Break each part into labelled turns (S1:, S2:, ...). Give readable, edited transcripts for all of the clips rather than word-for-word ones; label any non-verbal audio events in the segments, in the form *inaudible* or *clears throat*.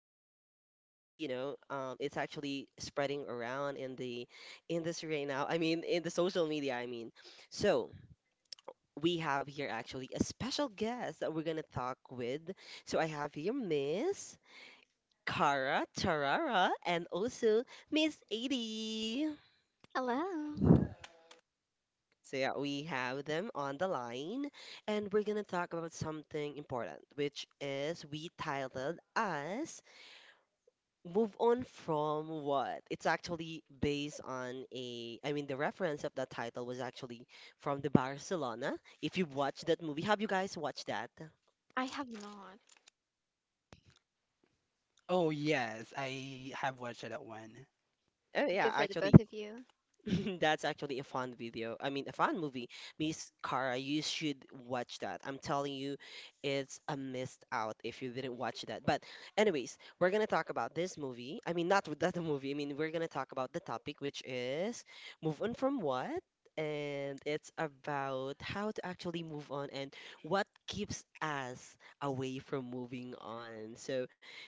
S1: and timely. It's actually spreading around in the industry right now. I mean, in the social media, I mean. So we have here actually a special guest that we're going to talk with. So I have here Miss Cara Tarara and also Miss 80.
S2: Hello.
S1: So yeah, we have them on the line, and we're gonna talk about something important, which is we titled as "Move On From What." It's actually based on I mean, the reference of that title was actually from the Barcelona. If you've watched that movie, have you guys watched that?
S2: I have not.
S3: Oh, yes, I have watched that one.
S1: Oh yeah,
S2: Good for the
S1: actually,
S2: both of you.
S1: *laughs* that's actually a fun video. I mean, a fun movie. Miss Cara, you should watch that. I'm telling you, it's a missed out if you didn't watch that. But anyways, we're gonna talk about this movie. I mean, not with *laughs* that movie. I mean, we're gonna talk about the topic, which is move on from what? And it's about how to actually move on and what keeps us away from moving on. So,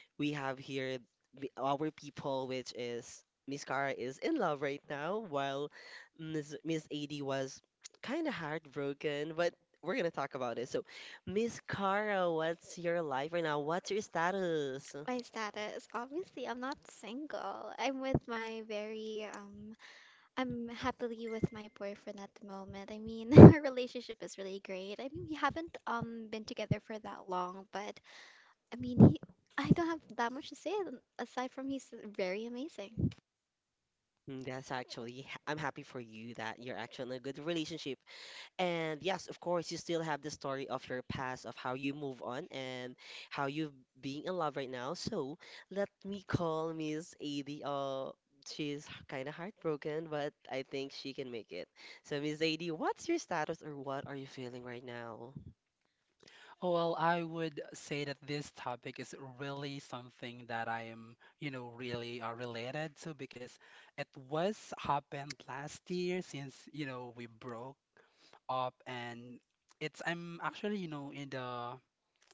S1: we have here our people, which is Miss Cara is in love right now, while Miss AD was kind of heartbroken, but we're gonna talk about it. So, Miss Cara, what's your life right now? What's your status?
S2: My status, obviously, I'm not single. I'm happily with my boyfriend at the moment. I mean, *laughs* our relationship is really great. I mean, we haven't, been together for that long, but I mean, I don't have that much to say aside from he's very amazing.
S1: Mm, that's actually, I'm happy for you that you're actually in a good relationship. And yes, of course, you still have the story of your past, of how you move on and how you being in love right now. So let me call Miss Adi. She's kind of heartbroken, but I think she can make it. So Miss Adi, what's your status or what are you feeling right now?
S3: Oh, well, I would say that this topic is really something that I am, you know, really related to because it was happened last year since, you know, we broke up and it's I'm actually, you know, in the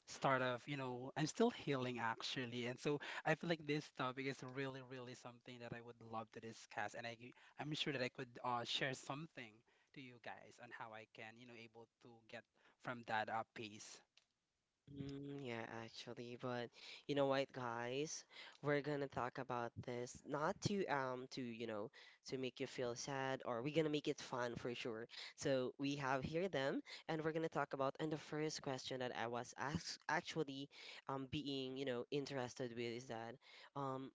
S3: start of, you know, I'm still healing actually. And so I feel like this topic is really, really something that I would love to discuss. I'm sure that I could share something to you guys on how I can, you know, able to get from that pace.
S1: Mm, yeah, actually, but you know what, guys? We're gonna talk about this not to to to make you feel sad, or we're gonna make it fun for sure. So we have here them, and we're gonna talk about, and the first question that I was asked actually, being, interested with, is that um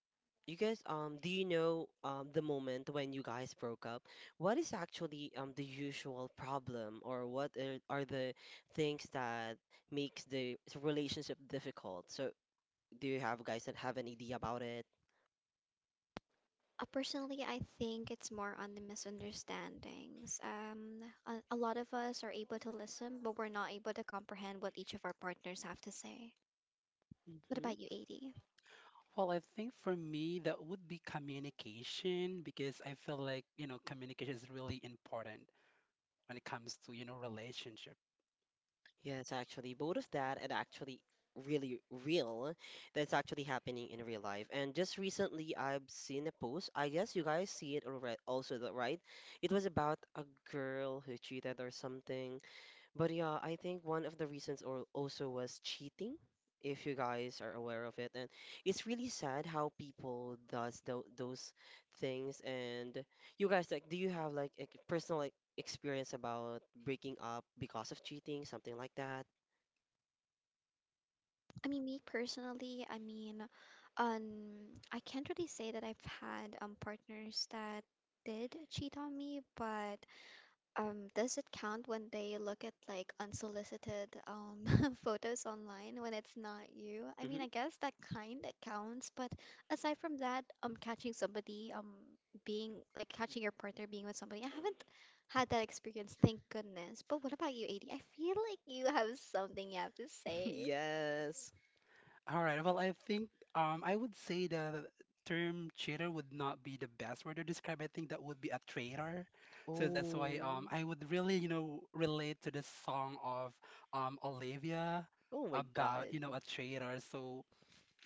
S1: you guys, do you know the moment when you guys broke up? What is actually the usual problem, or what are the things that makes the relationship difficult. So, do you have guys that have an idea about it?
S2: Personally, I think it's more on the misunderstandings. A lot of us are able to listen, but we're not able to comprehend what each of our partners have to say. What
S1: Hmm.
S2: about you, Adi?
S3: Well, I think for me, that would be communication because I feel like, you know, communication is really important when it comes to, you know, relationship.
S1: Yes, actually, both of that and actually really real, that's actually happening in real life. And just recently, I've seen a post. I guess you guys see it already, also, right? It was about a girl who cheated or something. But yeah, I think one of the reasons or also was cheating, if you guys are aware of it. And it's really sad how people does those things. And you guys, like, do you have like a personal like experience about breaking up because of cheating, something like that?
S2: I mean, me personally, I mean, um, I can't really say that I've had partners that did cheat on me, but does it count when they look at like unsolicited *laughs* photos online when it's not you? I mean,
S1: Hmm.
S2: I guess that kind of counts, but aside from that, catching somebody, being like catching your partner being with somebody, I haven't had that experience, thank goodness. But what about you, Adi? I feel like you have something you have to
S1: *laughs*
S2: say.
S1: Yes.
S3: All right. Well, I think I would say the term cheater would not be the best word to describe. I think that would be a traitor. So that's why
S1: Oh,
S3: I would really, you know, relate to this song of Olivia
S1: oh my
S3: about,
S1: God.
S3: you know, a traitor. So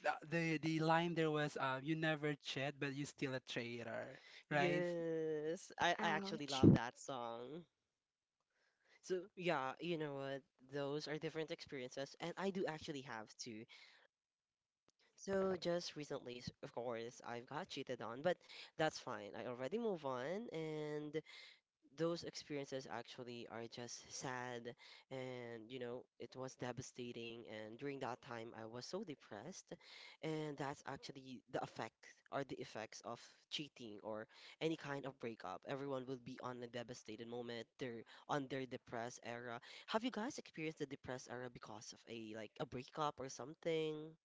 S3: the line there was, "You never cheat, but you still a traitor," right?
S1: Yes, I actually
S2: Ouch.
S1: love that song. So yeah, you know what? Those are different experiences, and I do actually have two. So just recently, of course, I've got cheated on, but that's fine. I already move on, and those experiences actually are just sad, and you know, it was devastating. And during that time, I was so depressed, and that's actually the effect or the effects of cheating or any kind of breakup. Everyone will be on a devastated moment. They're on their depressed era. Have you guys experienced the depressed era because of a like a breakup or something?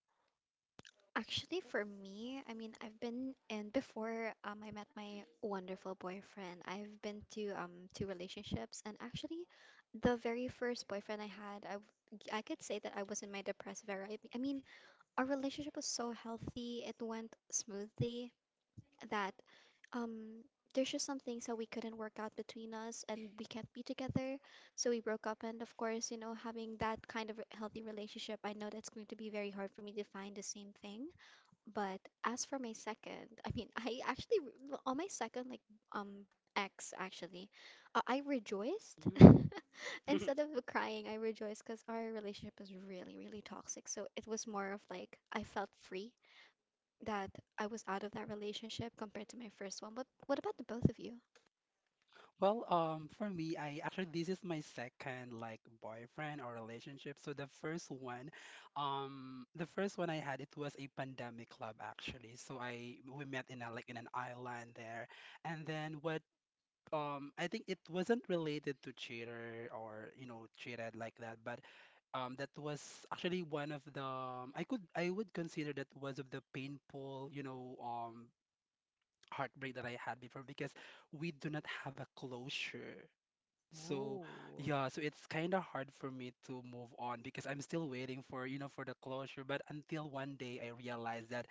S2: Actually, for me, I mean, I've been and before I met my wonderful boyfriend, I've been to two relationships, and actually, the very first boyfriend I had, I could say that I was in my depressive era. I mean, our relationship was so healthy, it went smoothly that um there's just some things that we couldn't work out between us, and we can't be together, so we broke up. And of course, you know, having that kind of healthy relationship, I know that's going to be very hard for me to find the same thing. But as for my second, I mean, *laughs* on my second like um ex actually, I rejoiced
S1: Mm.
S2: *laughs*
S1: *laughs*
S2: instead of crying. I rejoiced because our relationship was really really toxic. So it was more of like I felt free that I was out of that relationship compared to my first one. But what about the both of you?
S3: Well, for me, I actually this is my second like boyfriend or relationship. So the first one I had it was a pandemic club actually. So I we met in a like in an island there, and then what? I think it wasn't related to cheater or you know cheated like that, but that was actually one of the I could I would consider that was of the painful you know heartbreak that I had before because we do not have a closure. So
S1: Oh,
S3: yeah, so it's kind of hard for me to move on because I'm still waiting for, you know, for the closure. But until one day I realized that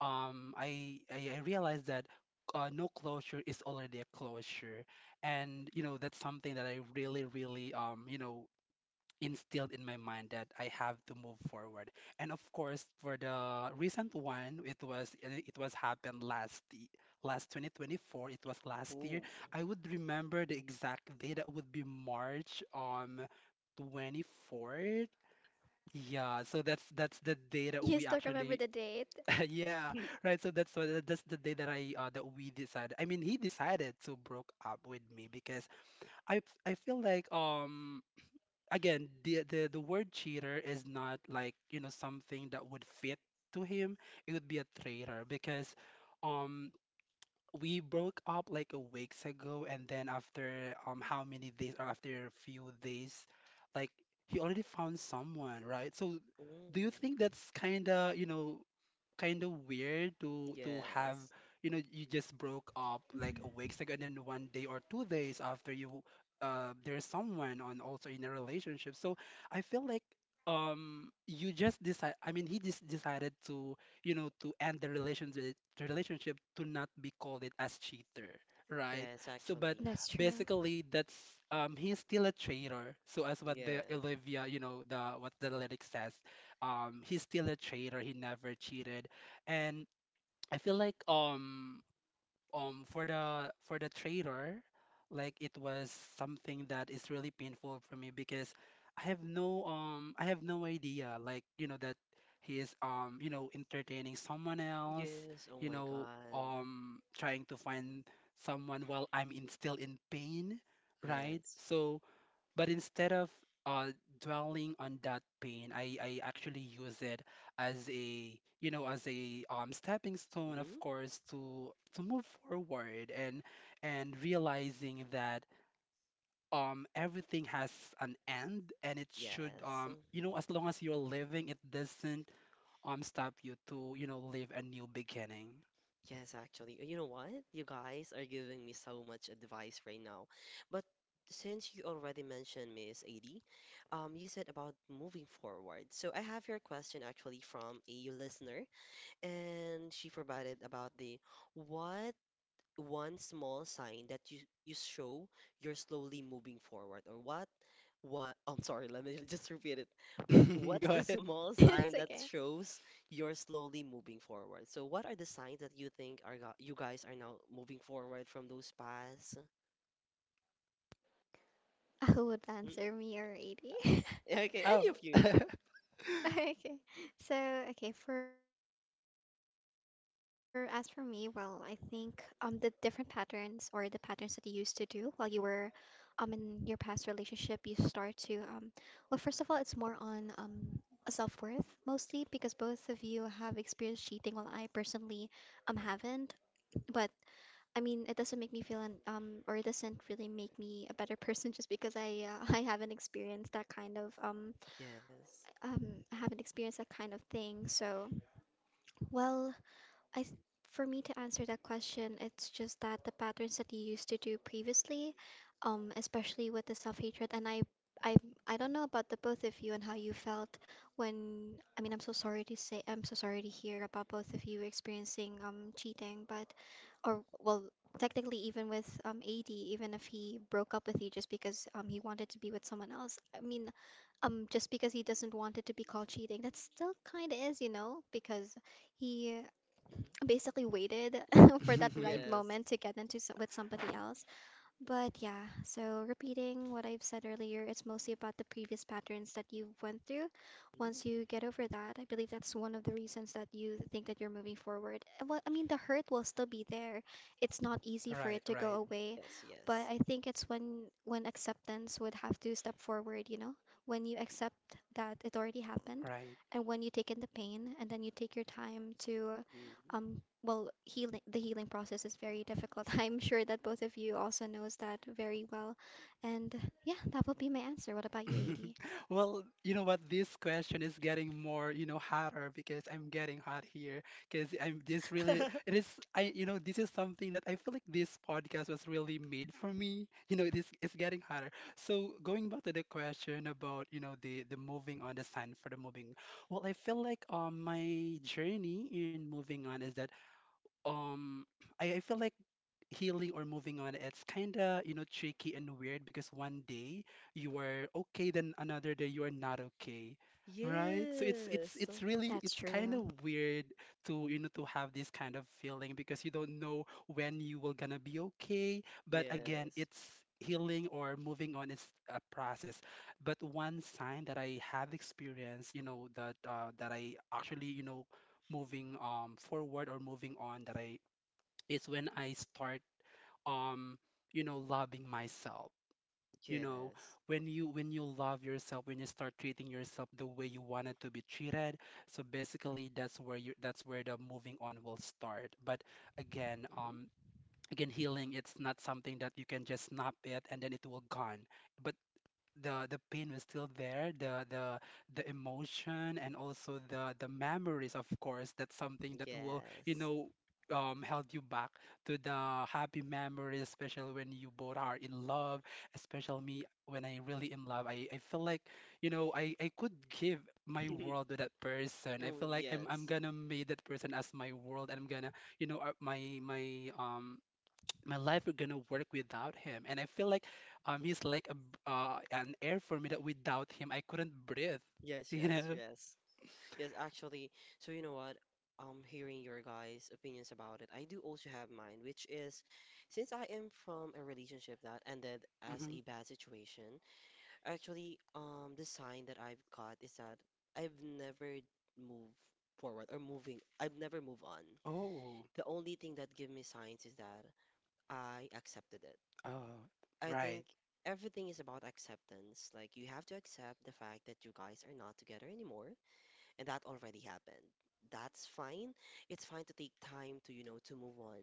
S3: I realized that no closure is already a closure. And you know, that's something that I really, really you know, instilled in my mind that I have to move forward. And of course, for the recent one, it was happened last last 2024. It was last year.
S1: oh,
S3: I would remember the exact day. That would be March 24th. Yeah, so that's the day that
S2: You
S3: we
S2: still remember
S3: actually
S2: the date?
S3: *laughs* yeah, right. So that's what that's the day that I that we decided. I mean, he decided to broke up with me because I feel like again, the word cheater is not like, you know, something that would fit to him. It would be a traitor because um we broke up like a weeks ago and then after how many days or after a few days, like he already found someone, right? So
S1: oh.
S3: do you think that's kind of, you know, kind of weird to have
S1: Yes,
S3: you know you just broke up like a
S2: Mhm.
S3: weeks ago and then one day or 2 days after you there's someone on also in a relationship, so I feel like you just decide. I mean, he just decided to, you know, to end the relationship to not be called it as cheater, right?
S1: yes,
S3: So but
S1: actually.
S2: That's true.
S3: basically that's he's still a traitor, so as what the
S1: Yes,
S3: Olivia you know the what the lyric says, he's still a traitor, he never cheated. And I feel like for the traitor, like it was something that is really painful for me because I have no idea like you know that he is you know entertaining someone else,
S1: yes, oh
S3: you
S1: my
S3: know
S1: God.
S3: trying to find someone while I'm in, still in pain, right?
S1: Yes.
S3: So but instead of uh, dwelling on that pain, I actually use it as a, you know, as a stepping stone, of
S1: Hmm.
S3: course, to move forward and realizing that everything has an end and it should
S1: Yes.
S3: you know as long as you're living, it doesn't stop you to you know live a new beginning.
S1: Yes, actually. You know what? You guys are giving me so much advice right now. But since you already mentioned Miss Adi, you said about moving forward. So I have your question actually from a listener, and she provided about the what, one small sign that you show you're slowly moving forward, or what *laughs* I'm sorry, let me *laughs* just repeat it.
S3: *laughs*
S1: What's
S3: Go
S1: the
S3: ahead.
S1: small
S2: *laughs* It's
S1: sign that
S2: okay.
S1: shows you're slowly moving forward? So what are the signs that you think you guys are now moving forward from those paths?
S2: Who would
S1: Mm,
S2: answer, me or 80?
S1: okay,
S3: Oh.
S1: any of you.
S3: *laughs* *laughs*
S2: *laughs* Okay. So, okay, for as for me, well, I think the different patterns or the patterns that you used to do while you were in your past relationship, you start to well, first of all, it's more on self-worth, mostly because both of you have experienced cheating while I personally haven't. But I mean, it doesn't make me feel or it doesn't really make me a better *laughs* person just because I *laughs* I haven't experienced that kind of
S1: Yes.
S2: I haven't experienced that kind of thing. So, well, I th- for me to answer that question, it's just that the patterns that you used to do previously, especially with the self-hatred, and I, I don't know about the both of you and how you felt when. I mean, I'm so sorry to say, I'm so sorry to hear about both of you experiencing cheating, but or well, technically even with AD, even if he broke up with you just because he wanted to be with someone else, I mean, just because he doesn't want it to be called cheating, that still kind of is, you know, because he
S1: Mhm.
S2: basically waited *laughs* for that right
S1: Yes.
S2: moment to get into with somebody else. But yeah, so repeating what I've said earlier, it's mostly about the previous patterns that you went through. Once
S1: Mhm.
S2: you get over that, I believe that's one of the reasons that you think that you're moving forward. Well, I mean, the hurt will still be there. It's not easy for
S3: Right,
S2: it to go
S3: right,
S2: away,
S1: Yes.
S2: but
S1: Yes.
S2: I think it's when acceptance would have to step forward, you know? When you accept that it already happened,
S3: right.
S2: and when you take in the pain and then you take your time to
S1: Mhm.
S2: um well, healing the healing process is very difficult. *laughs* I'm sure that both of you also knows that very well, and yeah, that would be my answer. What about you, Adi?
S3: *laughs* Well, you know what? This question is getting more, you know, hotter because I'm getting hot here. Because I'm this really, it
S1: *laughs*
S3: is, I, you know, this is something that I feel like this podcast was really made for me. You know, it is, it's getting hotter. So going back to the question about, you know, the moving on, the sign for the moving. Well, I feel like my journey in moving on is that um I feel like healing or moving on, it's kind of, you know, tricky and weird because one day you are okay, then another day you are not okay. Right? So it's it's
S1: Yes.
S3: it's really
S2: That's
S3: it's kind
S2: true.
S3: of weird to, you know, to have this kind of feeling because you don't know when you will gonna be okay. But again,
S1: Yes.
S3: it's healing or moving on is a process. But one sign that I have experienced, you know, that that I actually, you know, moving forward or moving on that I is when I start um you know loving myself, you know,
S1: Yes.
S3: when you love yourself, when you start treating yourself the way you wanted to be treated, so basically that's where the moving on will start. But again
S1: Mhm.
S3: again healing it's not something that you can just snap it and then it will gone. But the pain was still there, the emotion and also the memories, of course, that's something that will, you
S1: Yes.
S3: know, held you back to the happy memories, especially when you both are in love, especially me when I really in love. I feel like, you know, I could give my
S1: *laughs*
S3: world to that person. I
S1: Oh,
S3: feel like I'm
S1: yes.
S3: gonna make that person as my world and I'm gonna, you know, my my life are gonna work without him. And I feel like he's like an air for me that without him I couldn't breathe *laughs*
S1: Yes,
S3: you
S1: yes,
S3: know.
S1: yes. Yes, actually, so you know what? Hearing your guys' opinions about it, I do also have mine, which is, since I am from a relationship that ended as
S3: Hmm.
S1: a bad situation, actually, the sign that I've got is that I've never moved forward or moving, I've never moved on.
S3: Oh.
S1: The only thing that give me signs is that I accepted it.
S3: Oh,
S1: I think
S3: right.
S1: everything is about acceptance. Like you have to accept the fact that you guys are not together anymore, and that already happened. That's fine. It's fine to take time to, you know, to move on.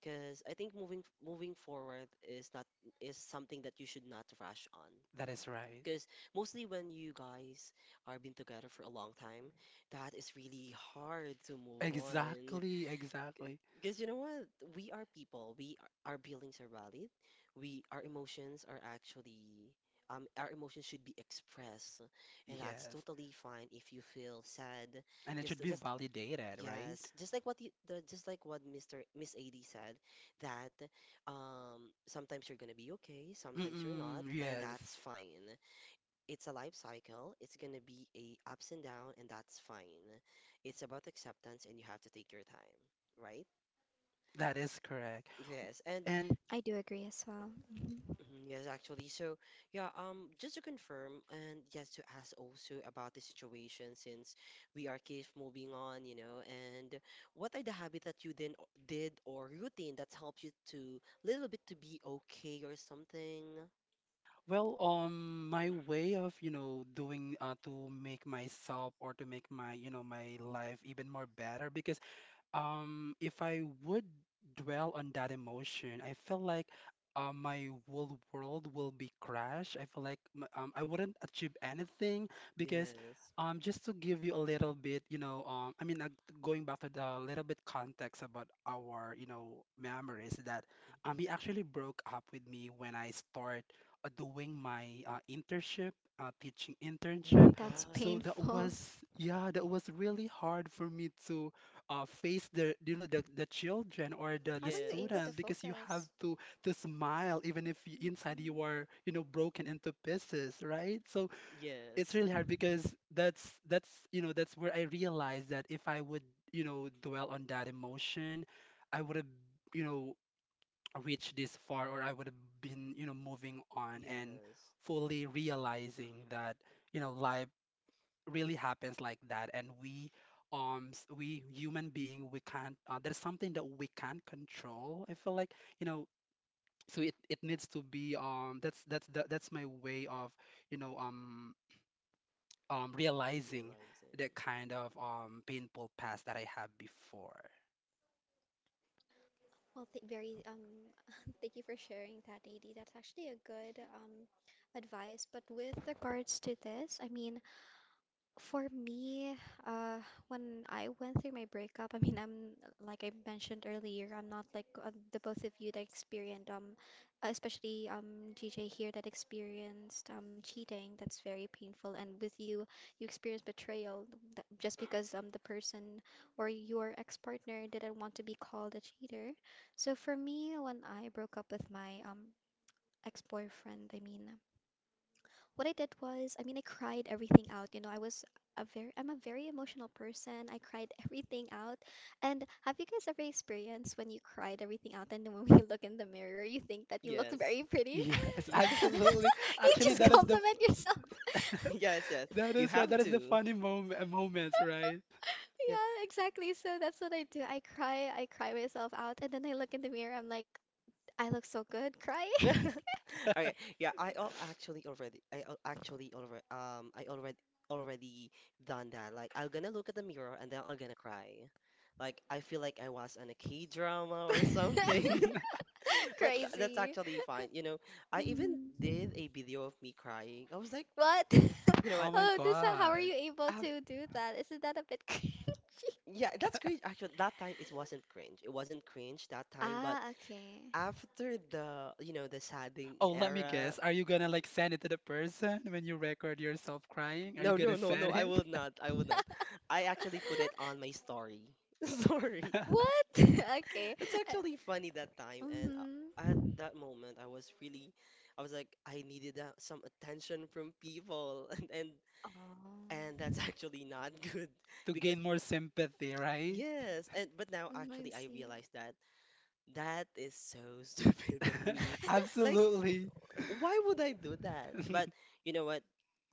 S1: Because I think moving forward is not is something that you should not rush on.
S3: That is right.
S1: Because mostly when you guys are been together for a long time, that is really hard to move on.
S3: Exactly, exactly.
S1: Because you know what? We are people. Our feelings are valid. We our emotions are actually our emotions should be expressed, and that's
S3: Yes,
S1: totally fine if you feel sad.
S3: and it
S1: Because
S3: should be
S1: just
S3: validated,
S1: yes,
S3: right?
S1: just like what you, the just like what Mr. Miss AD said that, um, sometimes you're gonna be okay, sometimes you're not,
S3: Mm-mm,
S1: and
S3: yes,
S1: that's fine. It's a life cycle. It's gonna be a ups and down, and that's fine. It's about acceptance, and you have to take your time, right?
S3: that is correct. W-
S1: Yes, and
S3: And
S2: I do agree as well. Mhm.
S1: mhm, yes, actually. So, yeah, just to confirm, and yes, to ask also about the situation, since we are keep moving on, you know, and what are the habit that you then did or routine that helps you to little bit to be okay or something?
S3: well, my way of, you know, doing to make myself or to make my, you know, my life even more better. Because if I would dwell on that emotion, I feel like my whole world will be crashed. I feel like I wouldn't achieve anything. Because
S1: Yes.
S3: just to give you a little bit, you know, I mean, going back to the little bit context about our, you know, memories that he actually broke up with me when I start doing my internship, teaching
S1: Oh my
S3: internship.
S1: God.
S2: That's
S3: So
S2: *laughs*
S3: that
S2: painful.
S3: was, yeah, that was really hard for me to face the you know the children or
S2: How
S3: the
S2: were you able to
S3: student,
S1: Yes.
S3: because you have
S2: focus?
S3: to smile even if you, inside you are you know broken into pieces, right? So it's
S1: Yes.
S3: really hard because that's you know that's where I realized that if I would you know dwell on that emotion, I would have you know reached this far, or I would have been you know moving on and
S1: Yes.
S3: fully realizing that you know life really happens like that and we we human being we can't there's something that we can't control. I feel like you know, so it needs to be that's that's my way of you know realizing the
S1: Realizing.
S3: kind of painful past that I have before.
S2: Well, very *laughs* thank you for sharing that, Adi. That's actually a good advice, but with regards to this, I mean, for me, uh, when I went through my breakup, I mean, I'm like I mentioned earlier, I'm not like the both of you that experienced, especially GJ here that experienced cheating. That's very painful, and with you, you experienced betrayal that, just because the person or your ex-partner didn't want to be called a cheater. So for me, when I broke up with my ex-boyfriend, I mean, what I did was, I mean, I cried everything out. You know, I was a very, I'm a very emotional person. I cried *laughs* everything out. And have you guys ever experienced when you cried everything out and then when *laughs* you look in the mirror, you think that you look
S1: Yes.
S2: very
S3: *laughs*
S2: pretty?
S3: Yes,
S1: *laughs* Yeah.
S2: *laughs*
S3: absolutely.
S2: You
S3: Actually
S2: just
S3: that is
S1: *laughs*
S3: the
S2: compliment yourself. *laughs*
S1: Yes,
S3: *laughs*
S1: yes.
S3: that
S1: You
S3: is right.
S1: have
S3: That is the
S1: to.
S3: funny moments, right?
S2: Yeah, exactly. So that's what I do. I cry myself out, and then I look in the mirror. I'm like, I look so good crying.
S1: *laughs* Okay.
S3: *laughs*
S1: Yeah, I al actually
S3: *laughs*
S1: already I al actually already I already already done that. Like I'm gonna look at the mirror and then I'm gonna cry. Like I feel like I was on a K-drama or something.
S2: *laughs*
S1: *laughs* But th that's
S2: Crazy.
S1: actually fine. You know, I even
S2: Mhm.
S1: did a video of me crying. I was like,
S2: What? *laughs*
S1: you know
S3: Oh
S1: what?
S3: my
S2: Oh, this, how are
S3: God.
S2: you able
S1: I've
S2: to do that? Isn't that a bit *laughs* cringy?
S1: Yeah, that's cringe. Actually, that time it wasn't cringe. It wasn't cringe that time, but
S2: Ah, okay.
S1: after the, you know, the sadding
S3: Oh, let me
S1: era,
S3: guess. Are you gonna like send it to the person when you record yourself crying? Are you
S1: no, no,
S3: gonna
S1: no, no,
S3: send
S1: I
S3: it
S1: will not. I will not. I actually put it on my story. *laughs* Sorry.
S2: *laughs*
S3: *laughs*
S2: What? *laughs* Okay.
S1: It's
S2: Uh,
S1: actually funny that time, and at
S2: Mm-hmm.
S1: that moment, I was really, I was like, I needed some attention from people, *laughs* and
S2: Oh,
S1: that's actually not *laughs* good
S3: to
S1: because
S3: gain more sympathy, right?
S1: yes, and but now
S2: I
S1: actually I
S2: see.
S1: realize that. That is so *laughs* stupid of
S3: *laughs*
S1: me.
S2: *laughs*
S1: Like,
S3: Absolutely.
S1: why would I do that? But
S3: *laughs*
S1: you know what?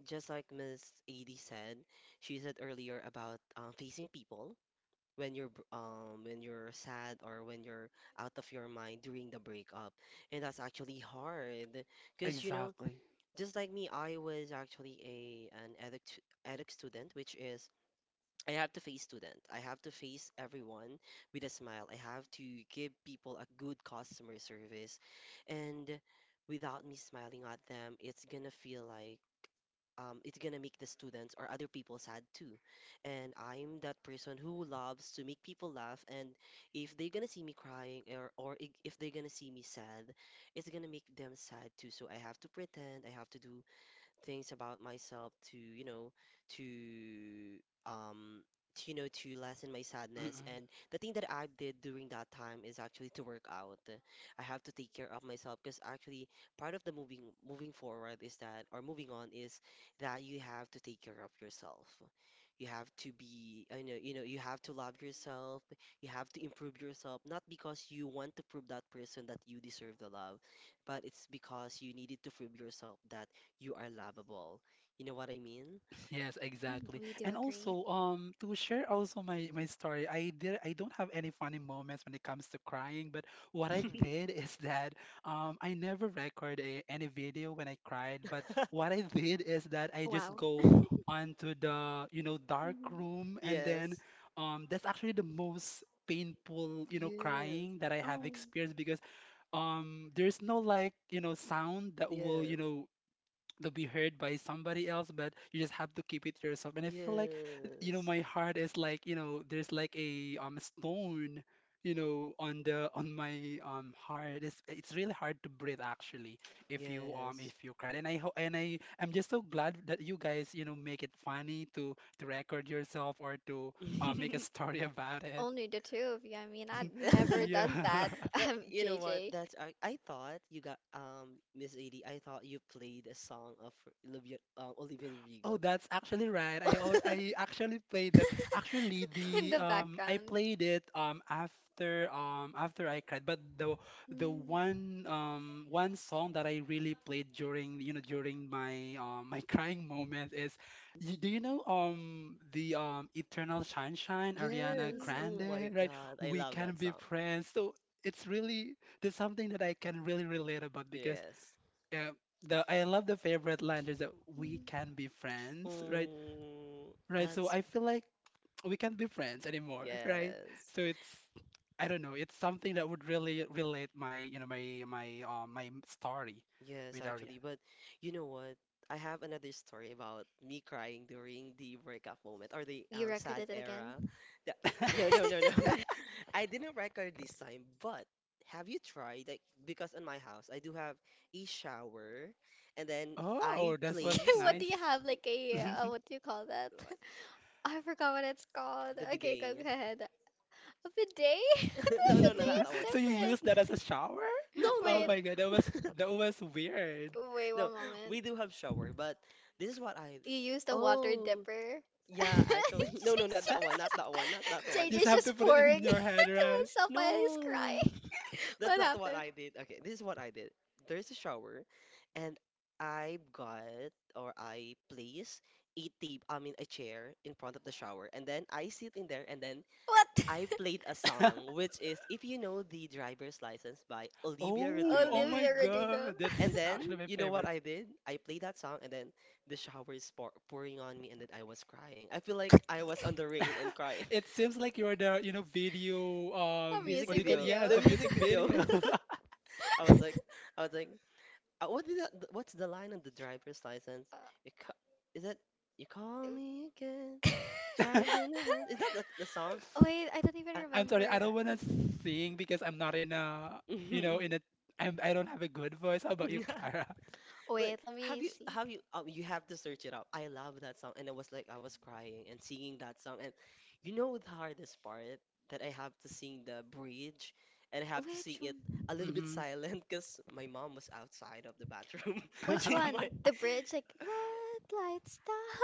S1: Just like Miss Edie said, she said earlier about, facing people when when you're sad or when you're out of your mind during the breakup, and that's actually hard because you know,
S3: Exactly.
S1: just like me, I was actually a an addict addict student, which is I have to face student. I have to face everyone with a smile. I have to give people a good customer service. And without me smiling at them, it's gonna feel like, it's gonna make the students or other people sad too. And I'm that person who loves to make people laugh. And if they're gonna see me crying, or, if they're gonna see me sad, it's gonna make them sad too. So I have to pretend, I have to do things about myself to, you know, to um to, you know, to lessen my sadness.
S3: Mm-mm.
S1: And the thing that I did during that time is actually to work out. I have to take care of myself because actually part of the moving forward is that, or moving on is that you have to take care of yourself. You have to be, I know, you have to love yourself. You have to improve yourself, not because you want to prove that person that you deserve the love, but it's because you needed to prove yourself that you are lovable. You know what I mean?
S3: Yes,
S2: Mm,
S3: exactly.
S2: we do
S3: And
S2: agree.
S3: also, to share also my story, I did I don't have any funny moments when it comes to crying, but what I did *laughs* is that I never record a, any video when I cried, but
S1: *laughs*
S3: what I did is that I just
S2: Wow.
S3: go onto the, you know, dark
S2: Hmm.
S3: room and
S1: Yes.
S3: then that's actually the most painful, you know,
S1: Yes.
S3: crying that I have
S2: Oh.
S3: experienced because there's no like, you know, sound that will, you
S1: Yes.
S3: know, to be heard by somebody else, but you just have to keep it to yourself. And I feel like, you know,
S1: Yes.
S3: my heart is like, you know, there's like a stone, you know, on the on my heart. It's really hard to breathe actually
S1: Yes.
S3: if you cried. And I'm just so glad that you guys, you know, make it funny to record yourself or to make a
S1: *laughs*
S3: story about it.
S2: Only the two of you. I mean, I'd
S3: *laughs*
S2: never
S3: Yeah.
S2: done that. *laughs*
S1: But you know what?
S2: JJ
S1: I thought you got, um, Miss Adi. I thought you played a song of Olivia, Olivia
S3: Oh,
S1: Rodrigo.
S3: that's actually right.
S1: *laughs*
S3: I actually played that. Actually,
S2: in
S3: the
S2: the
S3: I
S2: background.
S3: played it after after I cried. But the the
S2: Mm. Mm.
S3: one um one song that I really played during during my *laughs* crying moment is, do you know the Eternal Sunshine Ariana
S1: Yes. Oh my
S3: Grande, right?
S1: God. I
S3: We
S1: love
S3: can
S1: that
S3: be
S1: song.
S3: friends. So it's really, there's something that I can really relate about because
S1: Yes.
S3: yeah, the I love the favorite line. There's that we
S2: Mm.
S3: can be friends, right?
S1: Oh,
S3: Right. So
S1: that's
S3: I feel like we can't be friends anymore, *laughs* right?
S1: yes.
S3: So it's, I don't know. It's something that would really relate my, you know, my story
S1: Yes,
S3: with
S1: actually,
S3: Ariana.
S1: but you know what? I have another story about me crying during the breakup moment or the,
S2: You
S1: sad
S2: recorded it again?
S1: era.
S2: *laughs*
S1: The- no, no, no, no.
S3: *laughs*
S1: *laughs* I didn't record this time, but have you tried? Like, because in my house, I do have a shower, and then I
S3: Oh, that was
S2: Okay,
S1: place
S2: what do you
S3: nice. *laughs*
S2: have? Like a, what do you call that?
S1: what?
S2: *laughs* I forgot what it's called.
S1: The
S2: Okay, go, go
S1: bidet.
S2: ahead. A bidet? *laughs* A
S1: *laughs* No, no, no, not
S2: bidet
S1: that
S2: is *laughs*
S1: one.
S3: So you
S1: But
S2: different.
S3: use that as a shower?
S1: *laughs* no, no,
S3: Oh
S2: Wait.
S3: my God,
S1: no.
S3: that
S1: *laughs*
S3: was weird.
S2: Wait
S1: No,
S2: one moment.
S1: we do have shower, but this is what I.
S2: You used a water
S1: Oh,
S2: dipper. *laughs*
S1: yeah,
S2: She's
S1: actually. *laughs* No, no, not that one,
S2: just
S1: not that one, not that
S3: *laughs*
S1: one.
S3: You just
S2: JJ's
S3: have to
S2: just
S3: put it
S2: pouring
S3: in
S2: *laughs* to
S3: your head, right?
S2: himself while he's
S1: No,
S2: crying.
S1: *laughs* that's
S2: What
S1: not what
S2: happened?
S1: I did. Okay, this is what I did. There's a shower, and I got or I place a table, I mean a chair in front of the shower, and then I sit in there, and then
S2: What?
S1: I played a
S3: *laughs*
S1: song, which is if you know the driver's license by Olivia
S3: Oh, oh
S1: Rodrigo.
S3: my
S2: Olivia Rodrigo.
S3: God,
S1: And
S3: that's
S2: *laughs*
S3: actually
S1: then,
S3: my
S1: what
S3: favorite.
S1: I did? I played that song, and then the shower is pouring on me, and then I was crying. I feel like I was on the rain and crying.
S3: *laughs* It
S1: *laughs*
S3: seems like you're the, you know, video,
S2: A
S1: Music
S3: what do you
S2: music
S3: call?
S1: video,
S3: Yeah,
S2: video.
S1: the
S3: the
S2: *laughs*
S1: music
S3: music
S1: video.
S3: video. *laughs*
S1: *laughs* I was like, I was like, what is that? What's the line on the driver's license? You ca is that you
S2: Uh,
S1: call me again, trying to Is that the song?
S2: *laughs* Wait, I don't even
S1: Uh,
S3: I'm
S2: remember.
S3: sorry, I don't want to sing because I'm not in a,
S1: *laughs*
S3: you know,
S1: mhm.
S3: I'm, I don't have a good voice. How about you,
S1: *laughs*
S3: Kara?
S1: But
S2: Wait, let
S1: have
S2: me
S1: you
S2: see.
S1: have you you have to search it out. I love that song, and I was like I was crying and singing that song, and the hardest part that I have to sing the bridge, and I have to sing
S2: Which
S1: it
S2: one?
S1: a little bit
S3: Mm-hmm.
S1: silent because my mom was outside of the bathroom. *laughs*
S2: Which
S1: She might
S2: one? The bridge, like
S3: *laughs*
S2: red light,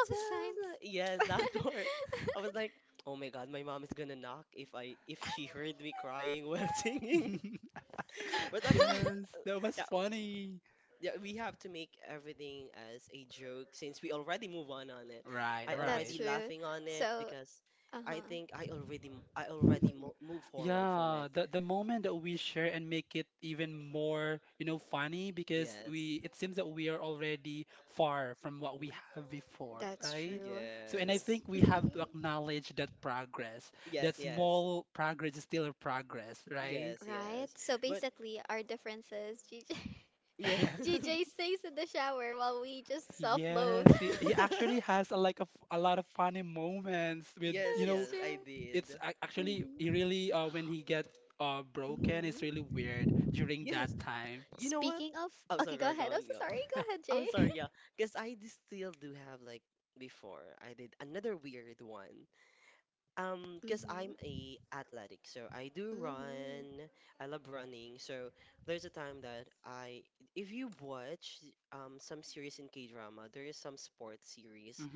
S1: just
S2: signs.
S1: yes, that part. I
S2: *laughs*
S1: was like, oh my God, my mom is gonna knock if I
S3: *laughs*
S1: if she heard me crying while *laughs* singing.
S3: *laughs* But I
S1: But
S3: love.
S1: actually,
S3: Yes, that was
S1: yeah,
S3: funny.
S1: yeah, we have to make everything as a joke since we already move on it.
S3: Right,
S1: I
S2: That's
S1: already
S3: right.
S2: true.
S1: laughing on it
S2: So,
S1: because I think
S2: uh-huh,
S1: I already mo move forward from
S3: Yeah,
S1: it.
S3: the moment that we share and make it even more, you know, funny because
S1: Yes.
S3: we, it seems that we are already far from what we
S1: Mhm.
S3: have before,
S2: that's
S3: right?
S2: true.
S3: So, and I
S2: S-
S1: Yes.
S3: think we
S2: *laughs*
S3: have to acknowledge that progress. Yes, that,
S1: Yes,
S3: yes,
S1: yes.
S3: small progress is still a progress, right?
S1: Yes,
S2: Right?
S1: yes.
S2: So
S1: But
S2: basically, our differences, GJ,
S1: yeah.
S3: *laughs*
S2: GJ *laughs* stays in the shower while we just self-loathe.
S3: Yes, he
S2: *laughs*
S3: actually
S1: *laughs*
S3: has a, like a, a lot of funny moments with,
S1: Yes,
S3: you know,
S2: That's
S1: yes, I
S2: true.
S1: did.
S3: actually, he
S2: Hmm.
S3: really, when he get broken, it's really
S2: Hmm.
S3: weird during that
S1: Yes.
S3: time.
S1: You know what?
S2: Speaking of,
S1: I'm
S2: okay,
S1: sorry, go
S2: go
S1: on, go
S2: ahead. I'm
S1: on,
S2: so
S1: go on.
S2: sorry.
S3: *laughs* Hmm.
S2: Go ahead,
S1: I'm
S2: Jay.
S1: sorry, yeah. Because still do have like before I did another weird one.
S2: *laughs*
S1: Because I'm
S2: Hmm.
S1: a athletic, so I do
S2: Hmm.
S1: run. I love running. So there's a time that I, if you watch some series in K-drama, there is some sports series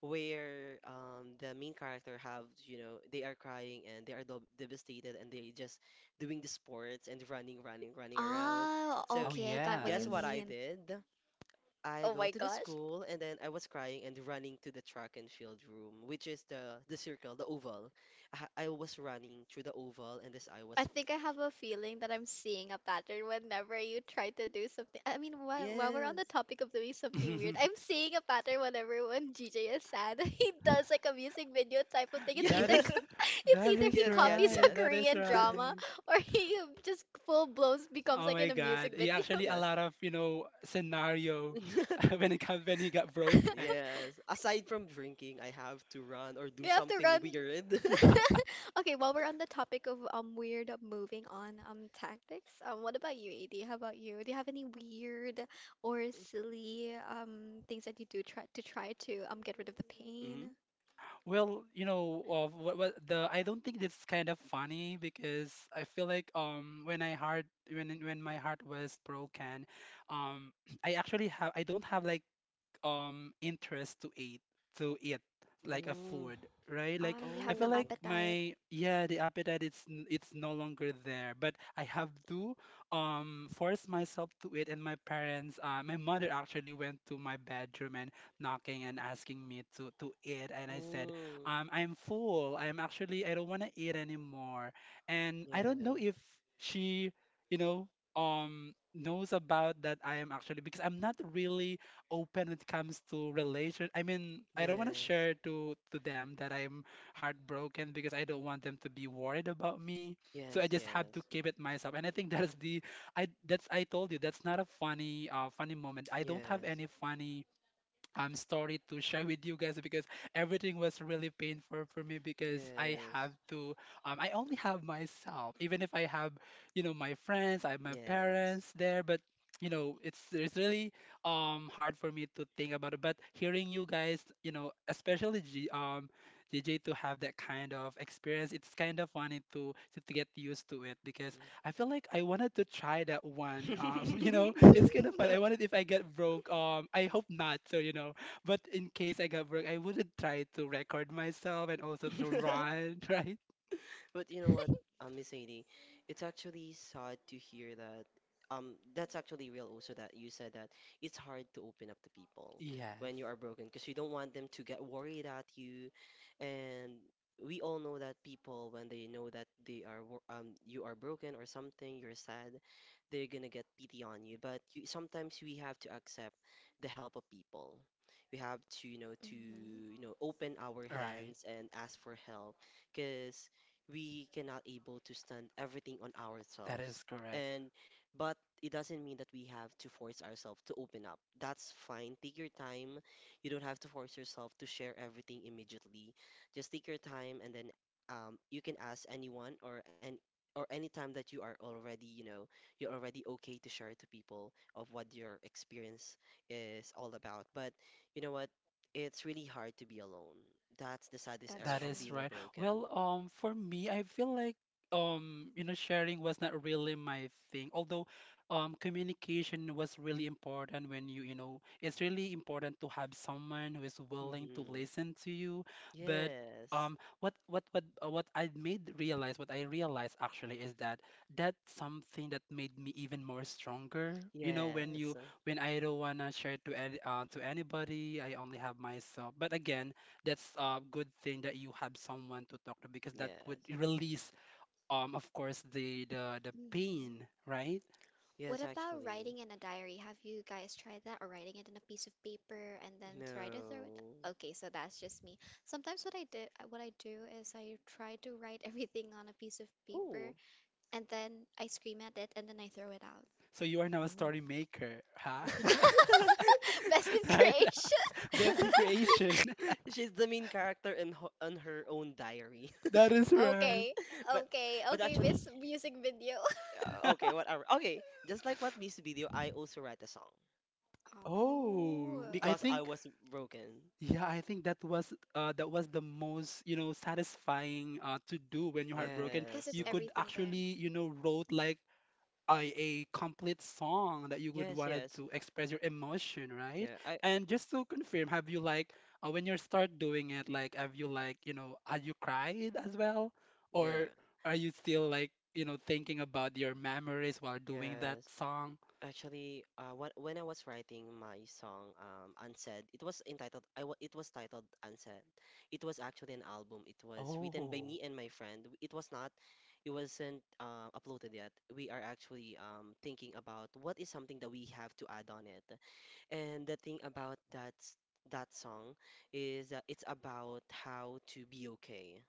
S1: where the main character have, they are crying and they are devastated, and they just doing the sports and running, running, running around.
S2: Ah,
S1: So
S3: Oh,
S2: okay, I got what
S1: guess
S2: you
S1: what
S3: yes.
S1: I
S2: mean.
S1: did? I
S2: Oh
S1: go
S2: my
S1: to the
S2: gosh.
S1: school, and then I was crying and running to the track and field room, which is the circle, the oval. I was running through the oval, and this I was
S2: I think I have a feeling that I'm seeing a pattern whenever you try to do something. I mean, while we're on the
S1: yes.
S2: topic of doing something weird, I'm seeing a
S3: *laughs*
S2: pattern whenever when GJ is sad, *laughs* he does like a music video type of thing. It's
S3: That
S2: either
S3: is,
S1: *laughs*
S2: *laughs* it's
S3: that
S2: either he
S3: is *laughs*
S1: Yes. Yes, yes,
S2: copies a
S3: right.
S1: yes.
S3: That is
S2: Korean drama
S3: right.
S2: or he just full blown becomes
S3: Oh
S2: like in
S3: my
S2: a
S3: God.
S2: music
S3: He
S2: video.
S1: *laughs*
S2: *laughs*
S3: actually a
S1: Yes.
S3: lot of, you know, scenario *laughs*
S1: *laughs*
S3: when it comes when he got broken.
S1: Yes. Aside from drinking, I have to run or do
S2: You have to
S1: something
S2: run.
S1: weird. *laughs*
S2: *laughs*
S3: *laughs*
S2: Okay, while we're on the topic of weird moving on tactics, what about you, AD? How about you? Do you have any weird or silly things that you do try to get rid of the
S1: Mm-hmm.
S2: pain?
S3: Well, you know, of what the I don't think it's kind of funny because I feel like when I heart when my heart was broken, um *clears throat* I actually have, I don't have like interest to eat like a
S1: Oh,
S3: food, right? Like
S2: Ah, you
S3: I
S2: have
S3: feel
S2: no
S3: like
S1: oh,
S2: appetite.
S3: my, yeah, the appetite, it's no longer there, but I have to force myself to eat. And my parents, my mother actually went to my bedroom and knocking and asking me to eat, and I said,
S1: oh.
S3: I'm full. I'm actually, I don't want to eat anymore, and I don't know
S1: Yes,
S3: if she, you know, knows about that I am, actually, because I'm not really open when it comes to relation. I mean, I don't want to
S1: yes,
S3: share to them that I'm heartbroken because I don't want them to be worried about me. So I
S1: yes,
S3: just have to
S1: yes,
S3: keep it myself. And I think that is the, I told you that's not a funny funny moment. I don't have
S1: yes,
S3: any funny. I'm sorry to share with you guys because everything was really painful for me because I have
S1: yes,
S3: to I only have myself, even if I have, you know, my friends, I have my
S1: yes.
S3: parents there, but you know, it's really hard for me to think about it, but hearing you guys, you know, especially G, JJ, to have that kind of experience, it's kind of funny to get used to it because
S1: Mm.
S3: I feel like I wanted to try that one *laughs* you know,
S1: Mm.
S3: it's kind of fun. I wanted, if I get broke, I hope not. So, you know, but in case I got broke, I wouldn't try to record myself and also to run, *laughs* right?
S1: But Miss Sadie, it's actually sad to hear that. That's actually real also that you said that it's hard to open up to people when
S3: Yes,
S1: you are broken because you don't want them to get worried at you. And we all know that people, when they know that they are you are broken or something, you're sad, they're gonna get pity on you. But you sometimes we have to accept the help of people. We have to,
S2: Hmm.
S1: open our
S3: right.
S1: hands and ask for help because we cannot able to stand everything on
S3: That
S1: ourselves,
S3: is correct.
S1: and but it doesn't mean that we have to force ourselves to open up. That's fine, take your time. You don't have to force yourself to share everything immediately. Just take your time, and then you can ask anyone or any or anytime that you are already you're already okay to share to people of what your experience is all about. But you know what it's really hard to be alone. That's the saddest
S2: That's
S1: era
S3: That
S2: true.
S1: of
S3: is
S1: being a
S3: right.
S1: broken.
S3: Well, for me, I feel like you know, sharing was not really my thing. Although, communication was really important when you know, it's really important to have someone who is willing to
S1: Hmm.
S3: listen to you. But
S1: Yes.
S3: what I realized actually is that that's something that made me even more stronger. You know, when
S1: Yes.
S3: you, when I don't wanna share to any, to anybody, I only have myself. But again, that's a good thing that you have someone to talk to because that would
S1: Yes.
S3: release of course the
S2: Hmm.
S3: pain, right?
S1: Yes,
S2: What about
S1: actually.
S2: writing in a diary? Have you guys tried that, or writing it in a piece of paper and then try to throw it?
S1: No.
S2: Okay, so that's just me. Sometimes what I did, what I do is I try to write *laughs* everything on a piece of
S1: Ooh.
S2: paper and then I scream at it and then I throw it out.
S3: So you are now a
S1: Oh.
S3: story maker, huh?
S2: *laughs* Best in
S3: *laughs* Right.
S2: creation.
S3: *laughs* That's in
S1: *laughs*
S3: creation.
S1: She's the main character in ho on her own diary.
S3: *laughs* That is
S2: *laughs*
S3: right.
S2: Okay,
S1: *laughs* But
S2: okay,
S1: but
S2: okay,
S1: actually,
S2: Miss Music Video.
S1: uh, okay,
S3: *laughs*
S1: whatever. Okay, just like what Miss Video, I also write a song
S2: *laughs*
S3: Oh, I
S1: because I
S2: Oh,
S3: think,
S1: was broken.
S3: yeah, I think that was the most, you know, satisfying to do when you're heartbroken.
S2: because
S1: Yes.
S2: it's
S3: You could
S2: everything there.
S3: actually, you know, wrote like a complete song that you would
S1: Yes,
S3: wanted
S1: yes.
S3: to express your emotion, right?
S1: Yeah, I
S3: And just to confirm, have you like when you start doing it, like have you like, you know, had you cried as well,
S1: yeah.
S3: or are you still like, you know, thinking about your memories while doing that
S1: Yes.
S3: song?
S1: Actually, when I was writing my song, Unsaid, it was entitled. I wa It was titled Unsaid. It was actually an album. It was written by
S3: Oh,
S1: me and my friend. It was not. It wasn't uploaded yet. We are actually thinking about what is something that we have to add on it. And the thing about that song is that it's about how to be okay,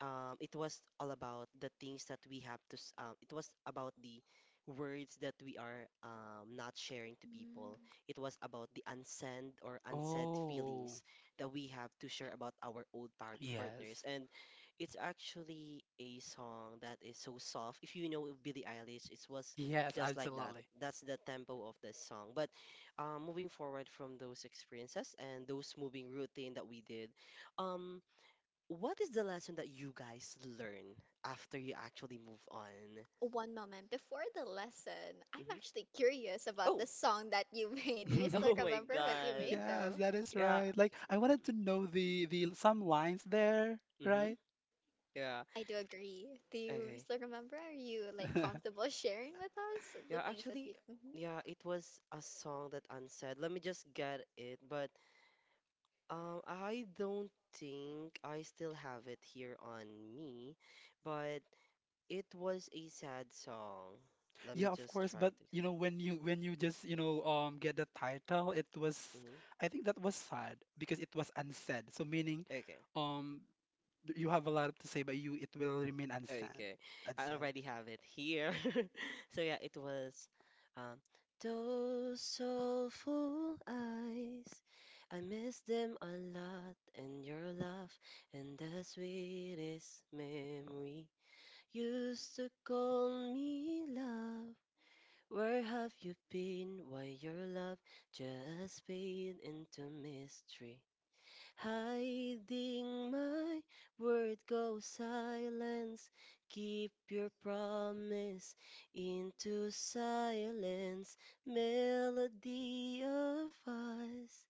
S1: it was all about the things that we have to, it was about the words that we are not sharing to people.
S2: Mm.
S1: It was about the unsaid or unsaid
S3: oh,
S1: feelings that we have to share about our old partners.
S3: yes,
S1: And it's actually a song that is so soft. If you know Billie Eilish, it was
S3: yes,
S1: just like that.
S3: absolutely.
S1: That's the tempo of the song. But moving forward from those experiences and those moving routine that we did, um, what is the lesson that you guys learn after you actually move on?
S2: One moment before the lesson, I'm
S1: Hmm.
S2: actually curious about
S1: Oh,
S2: the song that you *laughs* made. Do you
S1: *laughs*
S3: *laughs*
S2: still
S1: oh my
S2: remember what you
S1: God.
S2: made
S3: Yes,
S2: though?
S3: that is
S1: Yeah,
S3: right. Like I wanted to know the some lines there,
S1: mm-hmm,
S3: right?
S1: yeah,
S2: I do agree. Do you
S1: okay.
S2: still remember? Are you like
S3: *laughs*
S2: comfortable sharing with us the
S1: Yeah,
S2: things that
S1: actually,
S2: you? Mhm.
S1: yeah, it was a song that unsaid. Let me just get it, but I don't think I still have it here on me, but it was a sad song. Let me
S3: Yeah, of
S1: just
S3: course,
S1: try
S3: but
S1: to.
S3: you know, when you, when you just, you know, get the title, it was,
S1: Mm-hmm.
S3: I think that was sad because it was unsaid. So meaning
S1: Okay.
S3: um you have a lot to say, but you, it will remain unsaid.
S1: Okay, I
S3: Unsaid.
S1: already have it here. *laughs* So yeah, it was um those soulful eyes. I miss them a lot and your laugh and the sweetest memory. Used to call me love. Where have you been? Why your love just fade into mystery? Hiding my word go silence. Keep your promise into silence. Melody of us.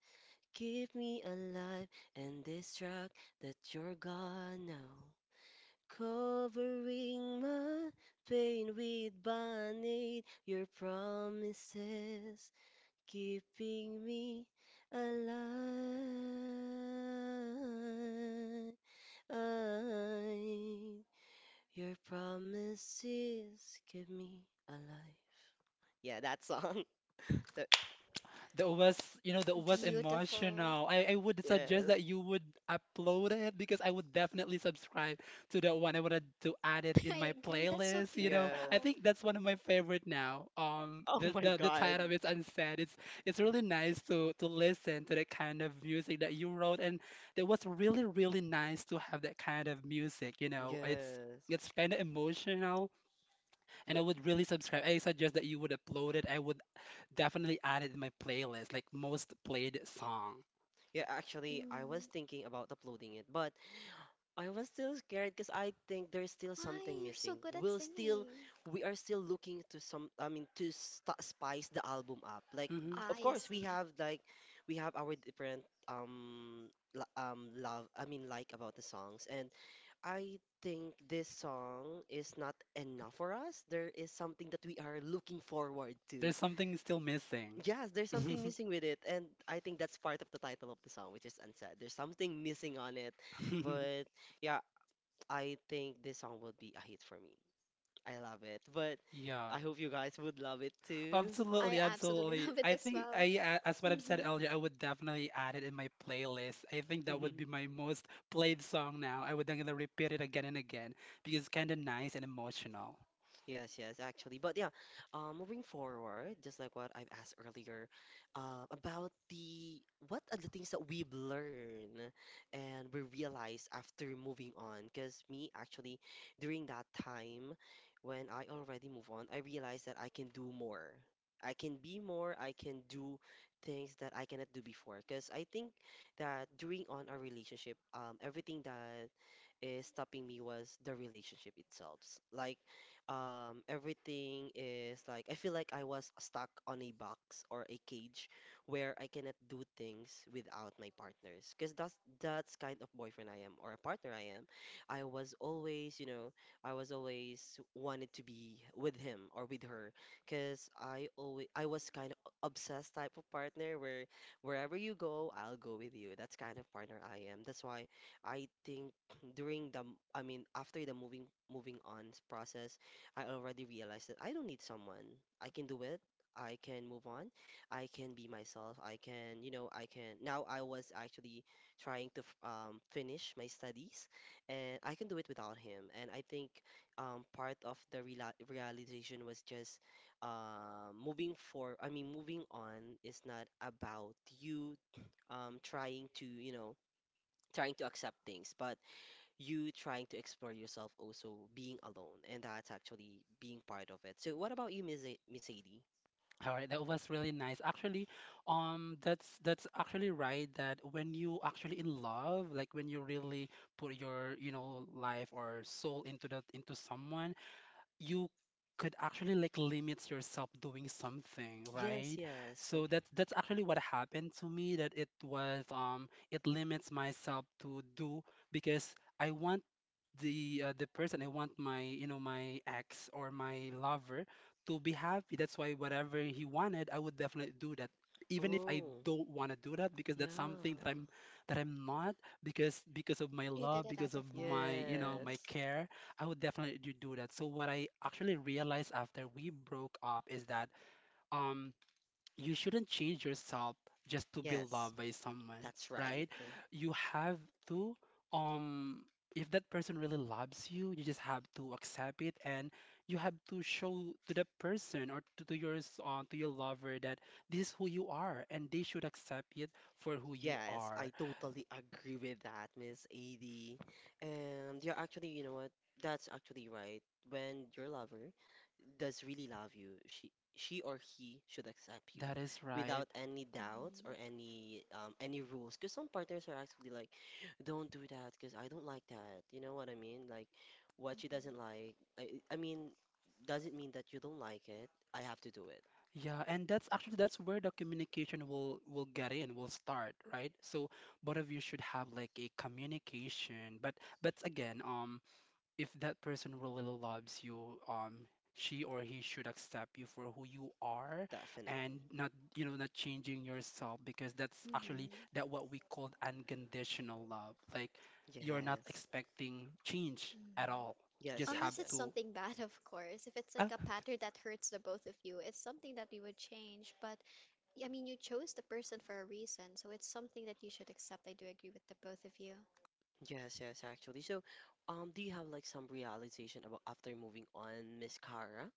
S1: Keep me alive and distract that you're gone now. Covering my pain with band-aid, your promises keeping me alive. Your promises give me a life. Yeah, that song. *laughs* The,
S3: That was, you know, that was
S2: Beautiful.
S3: emotional. I would suggest
S1: yes,
S3: that you would upload it because I would definitely subscribe to that one. I wanted to add it
S2: *laughs*
S3: in my
S2: I agree. That's so
S3: playlist, you know.
S2: beautiful.
S3: I
S1: yes.
S3: think that's one of my favorite now.
S1: Oh my
S3: The
S1: God.
S3: title of it's unsaid. It's really nice to listen to the kind of music that you wrote, and it was really, really nice to have that kind of music, you know. It's
S1: Yes.
S3: it's kind of emotional, and I
S1: But
S3: would really subscribe. I suggest that you would upload it. I would definitely added in my playlist, like most played song.
S1: yeah, actually, I
S2: Mm.
S1: was thinking about uploading it, but I was still scared because I think there's still
S2: Why
S1: something
S2: you're so
S1: missing.
S2: good at
S1: We'll still,
S2: singing?
S1: we are still looking to some, I mean, to st spice the album up. Like,
S3: Hmm.
S1: of
S2: I
S1: course, we
S2: see.
S1: have like, we have our different love, I mean, like about the songs. And I think this song is not enough for us. There is something that we are looking forward to.
S3: There's something still missing.
S1: Yes, there's something
S3: *laughs*
S1: missing with it, and I think that's part of the title of the song, which is unsaid. There's something missing on it, but. Yeah, I think this song will be a hit for me. I love it. But
S3: Yeah.
S1: I hope you guys would love it too.
S2: I
S3: Absolutely,
S2: absolutely *laughs*
S3: absolutely.
S2: love it
S3: I
S2: as
S3: think
S2: well.
S3: I, as what I've
S2: Hmm.
S3: said earlier, I would definitely add it in my playlist. I think that would be
S1: *laughs*
S3: my most played song now. I would then gonna repeat it again and again because it's kind of nice and emotional.
S1: Yes, yes, actually. But yeah, moving forward, just like what I've asked earlier, about the what are the things that we've learned and we realize after moving on. Because me, actually, during that time when I already move on, I realized that I can do more. I can be more, I can do things that I cannot do before. Because I think that during on our relationship, everything that is stopping me was the relationship itself. Like, everything is like, I feel like I was stuck on a box or a cage where I cannot do things without my partners. Because that's kind of boyfriend I am or a partner I am. I was always, I was always wanted to be with him or with her. Because I always, I was kind of obsessed type of partner where wherever you go, I'll go with you. That's kind of partner I am. That's why I think during I mean after the moving moving on process, I already realized that I don't need someone. I can do it. I can move on. I can be myself. I can, I can. Now I was actually trying to finish my studies, and I can do it without him. And I think part of the realization was just moving for. I mean, moving on is not about you trying to, trying to accept things, but you trying to explore yourself also being alone, and that's actually being part of it. So what about you, Miss Sadie?
S3: All right, that was really nice. Actually, that's actually right that when you actually in love, like when you really put your, you know, life or soul into that, into someone, you could actually like limit yourself doing something,
S1: Yes,
S3: right?
S1: yes.
S3: So that's actually what happened to me, that it was it limits myself to do because I want the person, I want my, you know, my ex or my lover to be happy. That's why whatever he wanted, I would definitely do that. Even if I
S1: Oh,
S3: don't want to do that, because that's something that
S1: yeah.
S3: I'm, that I'm not because, because of my
S2: You did
S3: love,
S2: it
S3: because
S2: out of
S3: of
S2: love.
S3: my, you know,
S2: Hmm.
S3: my
S1: Yes.
S3: care, I would definitely do that. So what I actually realized after we broke up is that um you shouldn't change yourself just to be
S1: Yes,
S3: loved by someone,
S1: that's right.
S3: right? You have to, um, if that person really loves you, you just have to accept it, and you have to show to that person or to your to your lover that this is who you are, and they should accept it for who you
S1: Yes, I
S3: are.
S1: totally agree with that, Miss AD. And you're actually, you know what? That's actually right. When your lover does really love you, she or he should accept you
S3: That is right.
S1: without any doubts or
S2: Hmm.
S1: any rules. Because some partners are actually like, don't do that because I don't like that. You know what I mean? Like, what she doesn't like,
S3: I
S1: I mean, doesn't mean that you don't like it. I have to do it.
S3: Yeah, and that's actually, that's where the communication will get in, will start, right? So both of you should have like a communication, but again, um, if that person really loves you, she or he should accept you for who you are and
S1: Definitely.
S3: not, you know, not changing yourself because that's actually
S2: Hmm.
S3: that what we called unconditional love. Like you're not
S1: Yes.
S3: expecting change at
S2: Hmm.
S3: all.
S1: Yes,
S3: Just have
S1: yes,
S2: Unless it's
S1: yes.
S3: to.
S2: something bad, of course. If it's like
S3: Oh,
S2: a pattern that hurts the both of you, it's something that you would change. But I mean, you chose the person for a reason, so it's something that you should accept. I do agree with the both of you.
S1: Yes, yes, actually. So, do you have like some realization about after moving on, Miss Cara?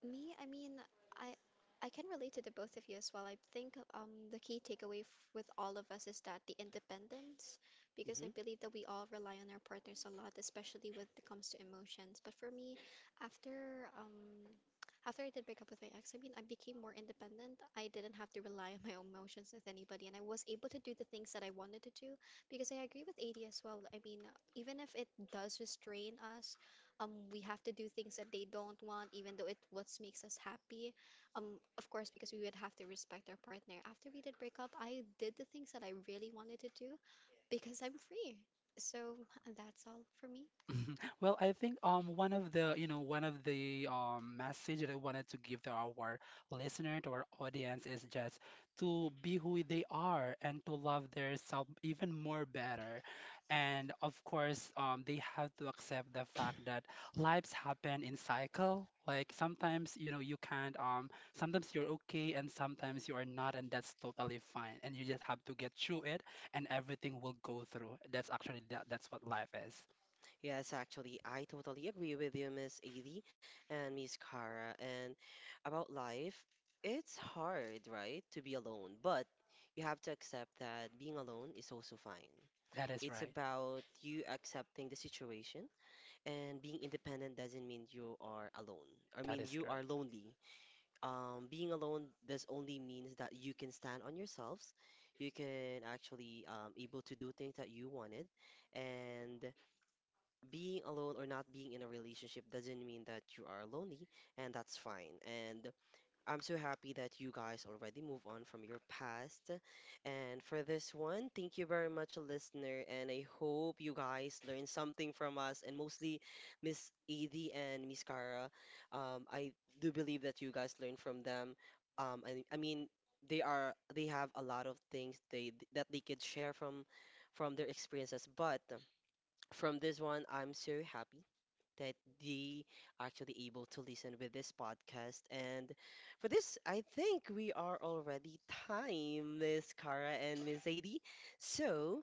S2: Me, I mean, I I can relate to the both of you as well. I think the key takeaway f with all of us is that the independence, because I believe that we all rely on our partners a lot, especially when it comes to emotions. But for me, after um, after I did break up with my ex, I mean, I became more independent. I didn't have to rely on my own emotions with anybody, and I was able to do the things that I wanted to do. Because I agree with AD as well. I mean, even if it does restrain us, we have to do things that they don't want even though it what makes us happy. Of course, because we would have to respect our partner, after we did break up I did the things that I really wanted to do because I'm free, so *laughs* that's all for me.
S3: mhm. Well, I think one of the, you know, one of the message that I wanted to give to our listener, to our audience is just to be who they are and to love their self even more better. And of course, they have to accept the fact that lives happen in cycle. Like sometimes, you know, you can't, um, sometimes you're okay and sometimes you are not, and that's totally fine. And you just have to get through it, and everything will go through. That's actually that, that's what life is.
S1: Yes, actually, I totally agree with you, Miss Edie and Miss Cara. And about life, it's hard, right, to be alone, but you have to accept that being alone is also fine.
S3: That is
S1: It's
S3: right.
S1: about you accepting the situation, and being independent doesn't mean you are alone. I
S3: That
S1: mean,
S3: is
S1: you
S3: correct.
S1: are lonely. Being alone does only means that you can stand on yourselves. You can actually able to do things that you wanted, and being alone or not being in a relationship doesn't mean that you are lonely, and that's fine. And I'm so happy that you guys already move on from your past. And for this one, thank you very much, listener. And I hope you guys learned something from us, and mostly Miss Edie and Miss Cara. I do believe that you guys learned from them. I mean, they are they have a lot of things they that they could share from their experiences, but from this one, I'm so happy that they actually able to listen with this podcast. And for this, I think we are already time, Miss Cara and Miss Zadie. So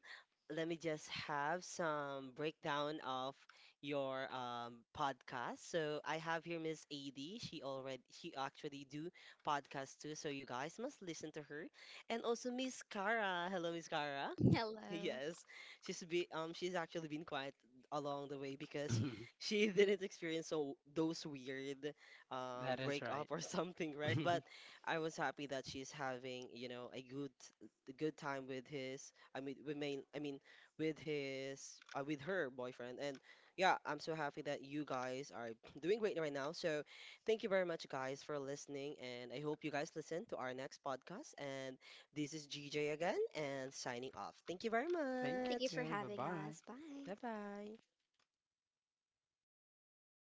S1: let me just have some breakdown of your podcast. So I have here Miss Adie. She already she actually do podcast too. So you guys must listen to her. And also Miss Cara. Hello, Miss Cara.
S2: *laughs* Hello,
S1: Yes, she's actually been quiet along the way because
S3: *laughs*
S1: she *laughs* didn't experience so those weird
S3: That is right.
S1: breakup or *laughs* something, right? But
S3: *laughs*
S1: I was happy that she's having, a good time with his I mean with main I mean with his with her boyfriend. And yeah, I'm so happy that you guys are *clears throat* doing great right now. So thank you very much guys for listening, and I hope you guys listen to our next podcast, and this is GJ again and signing off. Thank you very
S3: Thank
S2: thank you for
S1: much.
S3: you. Bye
S2: having
S3: bye.
S2: us. Bye.
S1: Bye bye.